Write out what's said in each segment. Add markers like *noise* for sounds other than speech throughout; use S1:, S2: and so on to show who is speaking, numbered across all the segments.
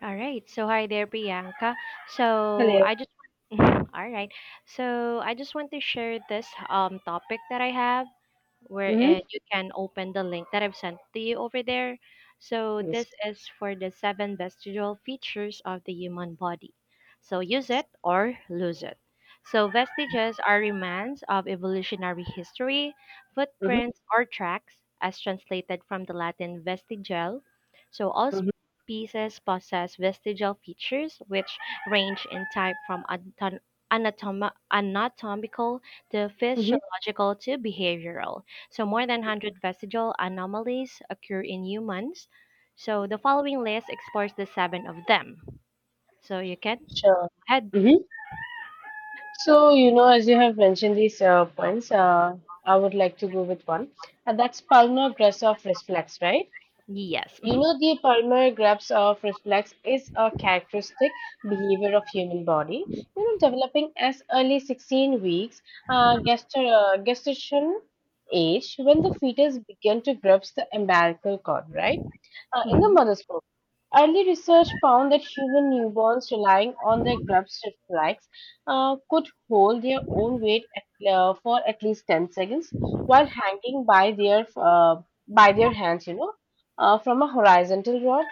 S1: All right. So hi there, Priyanka. So
S2: Hello.
S1: I just *laughs* all right. So I just want to share this topic that I have where
S2: Mm-hmm.
S1: you can open the link that I've sent to you over there. So
S2: Yes.
S1: this is for the seven vestigial features of the human body. So use it or lose it. So vestiges are remains of evolutionary history, footprints
S2: Mm-hmm.
S1: or tracks, as translated from the Latin vestigial. So all
S2: Mm-hmm.
S1: pieces possess vestigial features which range in type from anatomical to
S2: Mm-hmm.
S1: physiological to behavioral. So, more than 100 vestigial anomalies occur in humans. So, the following list explores the seven of them. So, you can go
S2: Sure.
S1: ahead.
S2: Mm-hmm. So, as you have mentioned these points, I would like to go with one. And that's palmar grasp of reflex, right?
S1: Yes.
S2: You
S1: *laughs*
S2: know, the palmar grasp of reflex is a characteristic behavior of human body, developing as early 16 weeks, gestation age, when the fetus begin to grasp the umbilical cord, right? In the
S1: Mhm,
S2: mother's milk. Early research found that human newborns relying on their grub's reflex could hold their own weight for at least 10 seconds while hanging by their by their hands, from a horizontal rod.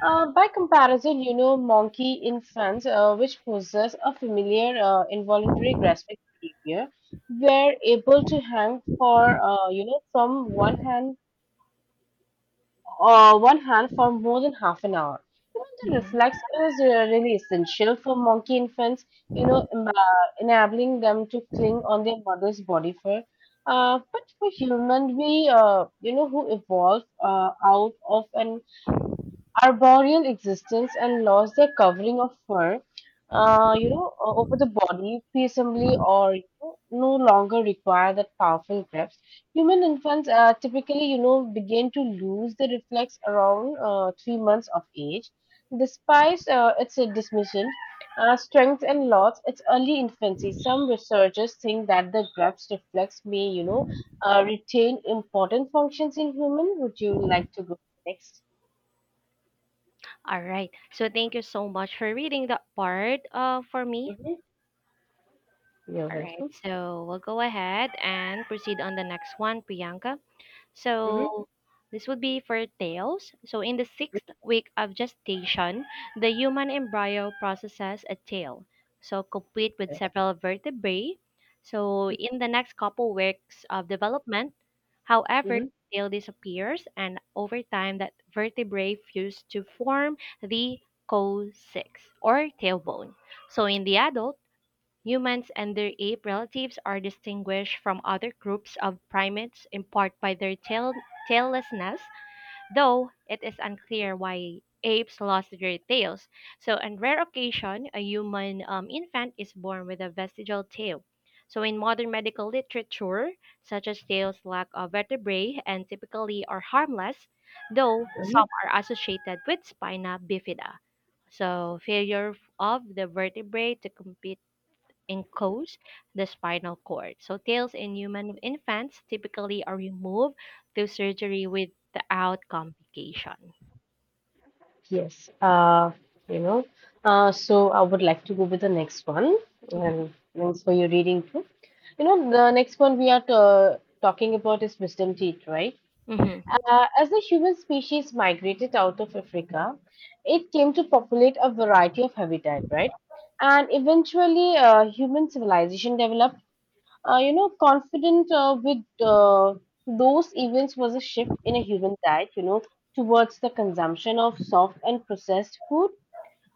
S2: By comparison, monkey infants, which possess a familiar involuntary grasping behavior, were able to hang from one hand for more than half an hour. The
S1: mhm.
S2: reflex is really essential for monkey infants, enabling them to cling on their mother's body for. But for human, who evolved out of an arboreal existence and lost their covering of fur, over the body peaceably, or no longer require that powerful grasp. Human infants typically, begin to lose the reflex around 3 months of age. Despite its dismission, strength and loss, its early infancy, some researchers think that the grasp reflex may, retain important functions in human. Would you like to go next?
S1: All right. So thank you so much for reading that part for me.
S2: Mhm. You're
S1: All right.
S2: welcome.
S1: So we'll go ahead and proceed on the next one, Priyanka.
S2: Hmm.
S1: So this would be for tails. So in the sixth week of gestation, the human embryo processes a tail, so complete with
S2: Yes.
S1: several vertebrae. So in the next couple weeks of development, however,
S2: Hmm.
S1: the tail disappears, and over time, that vertebrae fuse to form the coccyx or tailbone. So in the adult, humans and their ape relatives are distinguished from other groups of primates in part by their taillessness, though it is unclear why apes lost their tails. So, on rare occasion, a human infant is born with a vestigial tail. So, in modern medical literature, such as tails lack of vertebrae and typically are harmless, though
S2: Hmm.
S1: some are associated with spina bifida. So, failure of the vertebrae to compete encodes the spinal cord. So tails in human infants typically are removed through surgery without complication.
S2: Yes. You know, so I would like to go with the next one.
S1: Mm-hmm.
S2: And thanks for your reading too. The next one we are talking about is wisdom teeth, right?
S1: Mm-hmm.
S2: As the human species migrated out of Africa, it came to populate a variety of habitat, right? And eventually, human civilization developed confident with those events was a shift in a human diet, towards the consumption of soft and processed food,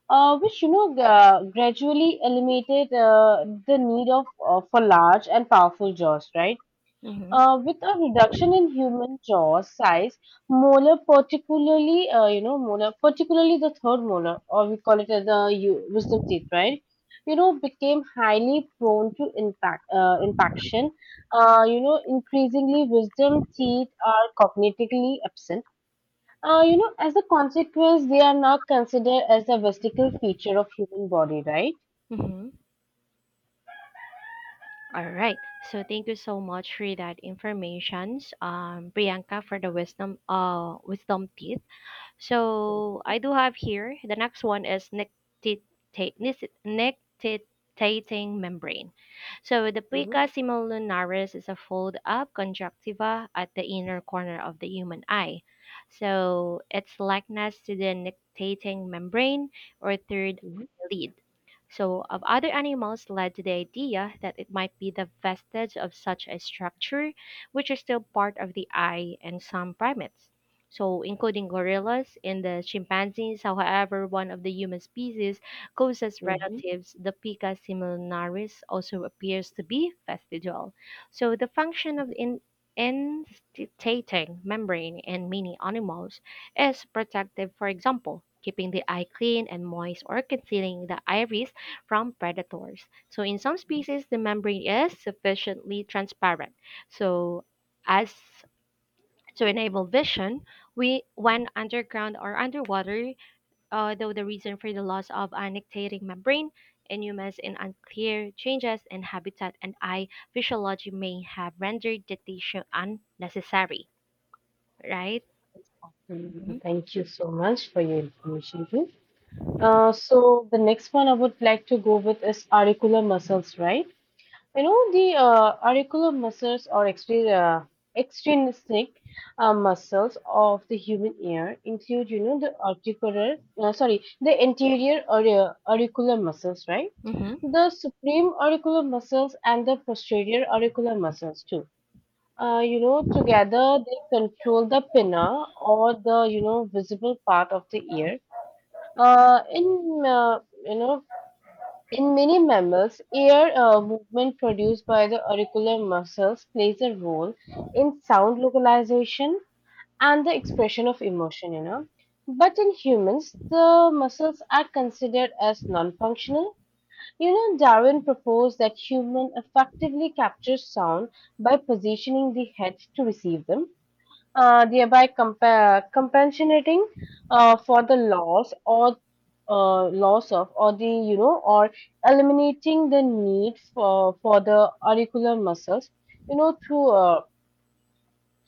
S2: which, gradually eliminated the need of for large and powerful jaws, right?
S1: Mm-hmm.
S2: With a reduction in human jaw size, molar particularly the third molar, or we call it as the wisdom teeth, right? Became highly prone to impaction. Increasingly wisdom teeth are cognitively absent. As a consequence, they are now considered as a vestigial feature of human body, right?
S1: Mm-hmm. All right. So thank you so much for that information, Priyanka, for the wisdom teeth. So I do have here the next one is nectitating membrane. So the
S2: Mm-hmm.
S1: plica semilunaris is a fold up conjunctiva at the inner corner of the human eye. So its likeness to the nectating membrane or third
S2: Mm-hmm.
S1: eye lid. So of other animals led to the idea that it might be the vestige of such a structure, which is still part of the eye in some primates. So, including gorillas and the chimpanzees, however, one of the human species closest
S2: Mm-hmm.
S1: relatives, the Pica similaris, also appears to be vestigial. So, the function of the in instating membrane in many animals is protective, for example, keeping the eye clean and moist or concealing the iris from predators. So, in some species, the membrane is sufficiently transparent. So, as to enable vision we when underground or underwater though the reason for the loss of annectating membrane in humans in unclear changes in habitat and eye physiology may have rendered the tissue unnecessary, right. Mhm.
S2: Thank you so much for your information. So the next one I would like to go with is auricular muscles, right? The auricular muscles or extrinsic muscles of the human ear include, the the anterior auricular muscles, right?
S1: Mm-hmm.
S2: The supreme auricular muscles and the posterior auricular muscles too. Together they control the pinna or the, visible part of the ear. In you know in many mammals, ear movement produced by the auricular muscles plays a role in sound localization and the expression of emotion. But in humans, the muscles are considered as non functional. Darwin proposed that human effectively captures sound by positioning the head to receive them, thereby compensating for the loss or loss of, or the, or eliminating the need for the auricular muscles, through uh,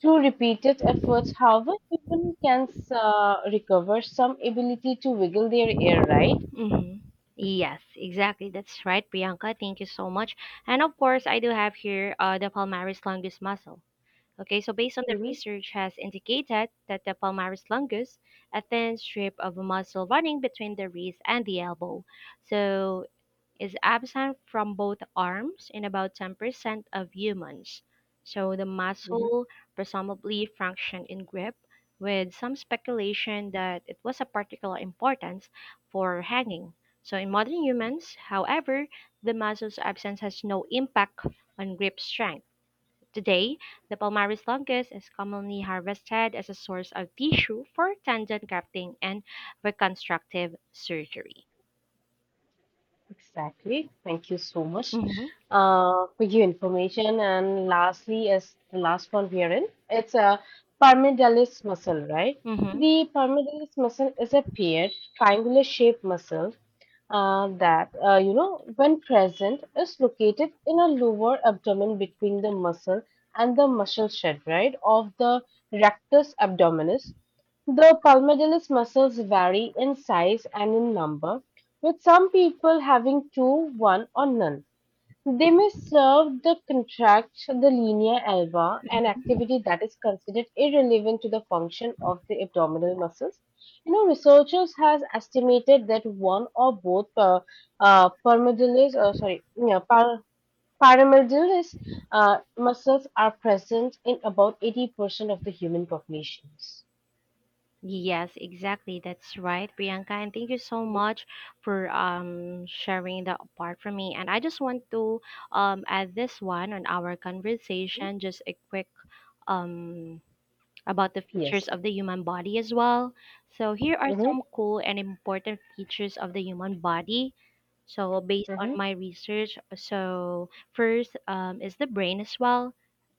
S2: through repeated efforts. However, human can recover some ability to wiggle their air, right.
S1: Mm-hmm. Yes, exactly. That's right, Priyanka. Thank you so much. And of course, I do have here the palmaris longus muscle. Okay, so based on the
S2: Mm-hmm.
S1: research has indicated that the palmaris longus, a thin strip of muscle running between the wrist and the elbow, so is absent from both arms in about 10% of humans. So the muscle presumably functioned in grip, with some speculation that it was of particular importance for hanging. So in modern humans, however, the muscle's absence has no impact on grip strength. Today, the palmaris longus is commonly harvested as a source of tissue for tendon grafting and reconstructive surgery.
S2: Exactly. Thank you so much
S1: Mm-hmm.
S2: for your information. And lastly, as the last one we are in, it's a pyramidalis muscle, right?
S1: Mm-hmm.
S2: The pyramidalis muscle is a paired, triangular-shaped muscle that, when present, is located in a lower abdomen between the muscle and the muscle shed, right, of the rectus abdominis. The palmatilis muscles vary in size and in number, with some people having two, one, or none. They may serve to contract the linea alba, an activity that is considered irrelevant to the function of the abdominal muscles. Researchers has estimated that one or both palmatilis, sorry, yeah, par- paramedialis muscles are present in about 80% of the human populations.
S1: Yes, exactly. That's right, Priyanka. And thank you so much for sharing that part for me. And I just want to add this one on our
S2: Mhm.
S1: conversation, just a quick um, about the features
S2: Yes.
S1: of the human body as well. So here are
S2: Mhm.
S1: some cool and important features of the human body. So based on
S2: Mhm.
S1: my research, so first is the brain as well.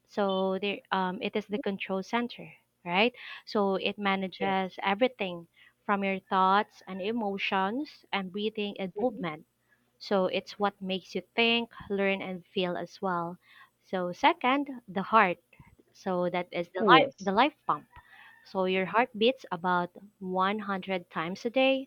S1: So there, it is the control center, right? So it
S2: Yes.
S1: manages everything from your thoughts and emotions and breathing and movement. So it's what makes you think, learn, and feel as well. So second, the heart. So that is
S2: Yes.
S1: the life pump, so your heart beats about 100 times a day,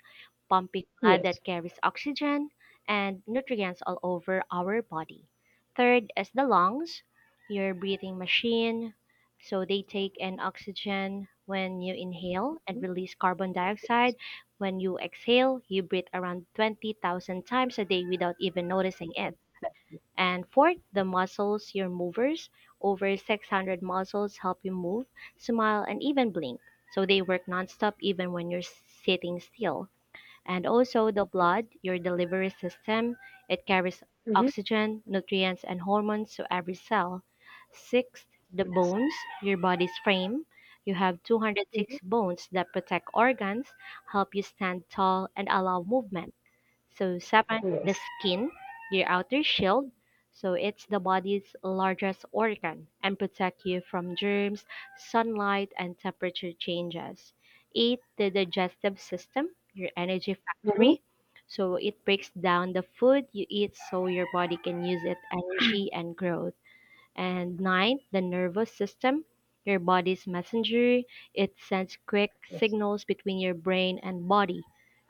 S1: pumping blood
S2: Yes.
S1: that carries oxygen and nutrients all over our body. Third is the lungs, your breathing machine. So they take in oxygen when you inhale and
S2: Mhm.
S1: release carbon dioxide. When you exhale, you breathe around 20,000 times a day without even noticing it. And fourth, the muscles, your movers, over 600 muscles help you move, smile, and even blink. So they work nonstop even when you're sitting still. And also the
S2: Exactly.
S1: blood, your delivery system, it carries
S2: Mhm.
S1: oxygen, nutrients, and hormones to every cell. Sixth, the
S2: Yes.
S1: bones, your body's frame. You have
S2: Mhm.
S1: 206 bones that protect organs, help you stand tall, and allow movement. So Sapan, the
S2: Yes.
S1: skin, your outer shield, so it's the body's largest organ and protect you from germs, sunlight, and temperature changes. Eight, the digestive system, your energy
S2: Mhm.
S1: factory. So it breaks down the food you eat so your body can use it energy and grow. And ninth, the nervous system, your body's messenger. It sends quick
S2: Yes.
S1: signals between your brain and body,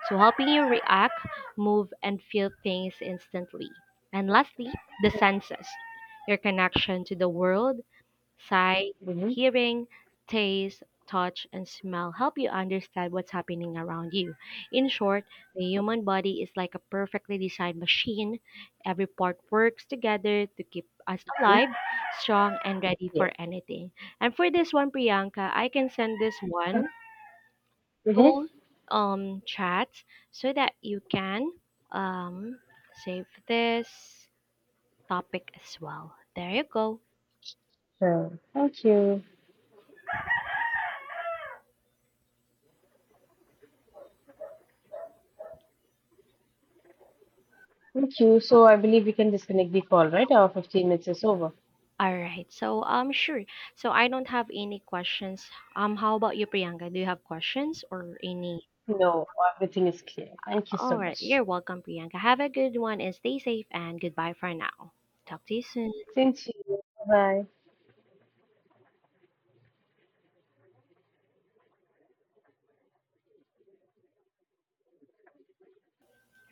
S1: so helping you react, move, and feel things instantly. And lastly, the senses, your connection to the world, sight,
S2: Mhm.
S1: hearing, taste, touch, and smell help you understand what's happening around you. In short, the human body is like a perfectly designed machine. Every part works together to keep us
S2: Mhm.
S1: alive, strong, and ready
S2: Yes.
S1: for anything. And for this one, Priyanka, I can send this one
S2: Mhm.
S1: to chats so that you can um save this topic as well. There you go.
S2: Sure. Thank you. Thank you. So I believe we can disconnect the call, right? Our 15 minutes is over.
S1: All right. So, sure. So I don't have any questions. How about you, Priyanka? Do you have questions or any?
S2: No, everything is clear. Thank you
S1: All
S2: so
S1: right.
S2: much.
S1: You're welcome, Priyanka. Have a good one and stay safe and goodbye for now. Talk to you soon.
S2: Same to you. Bye-bye.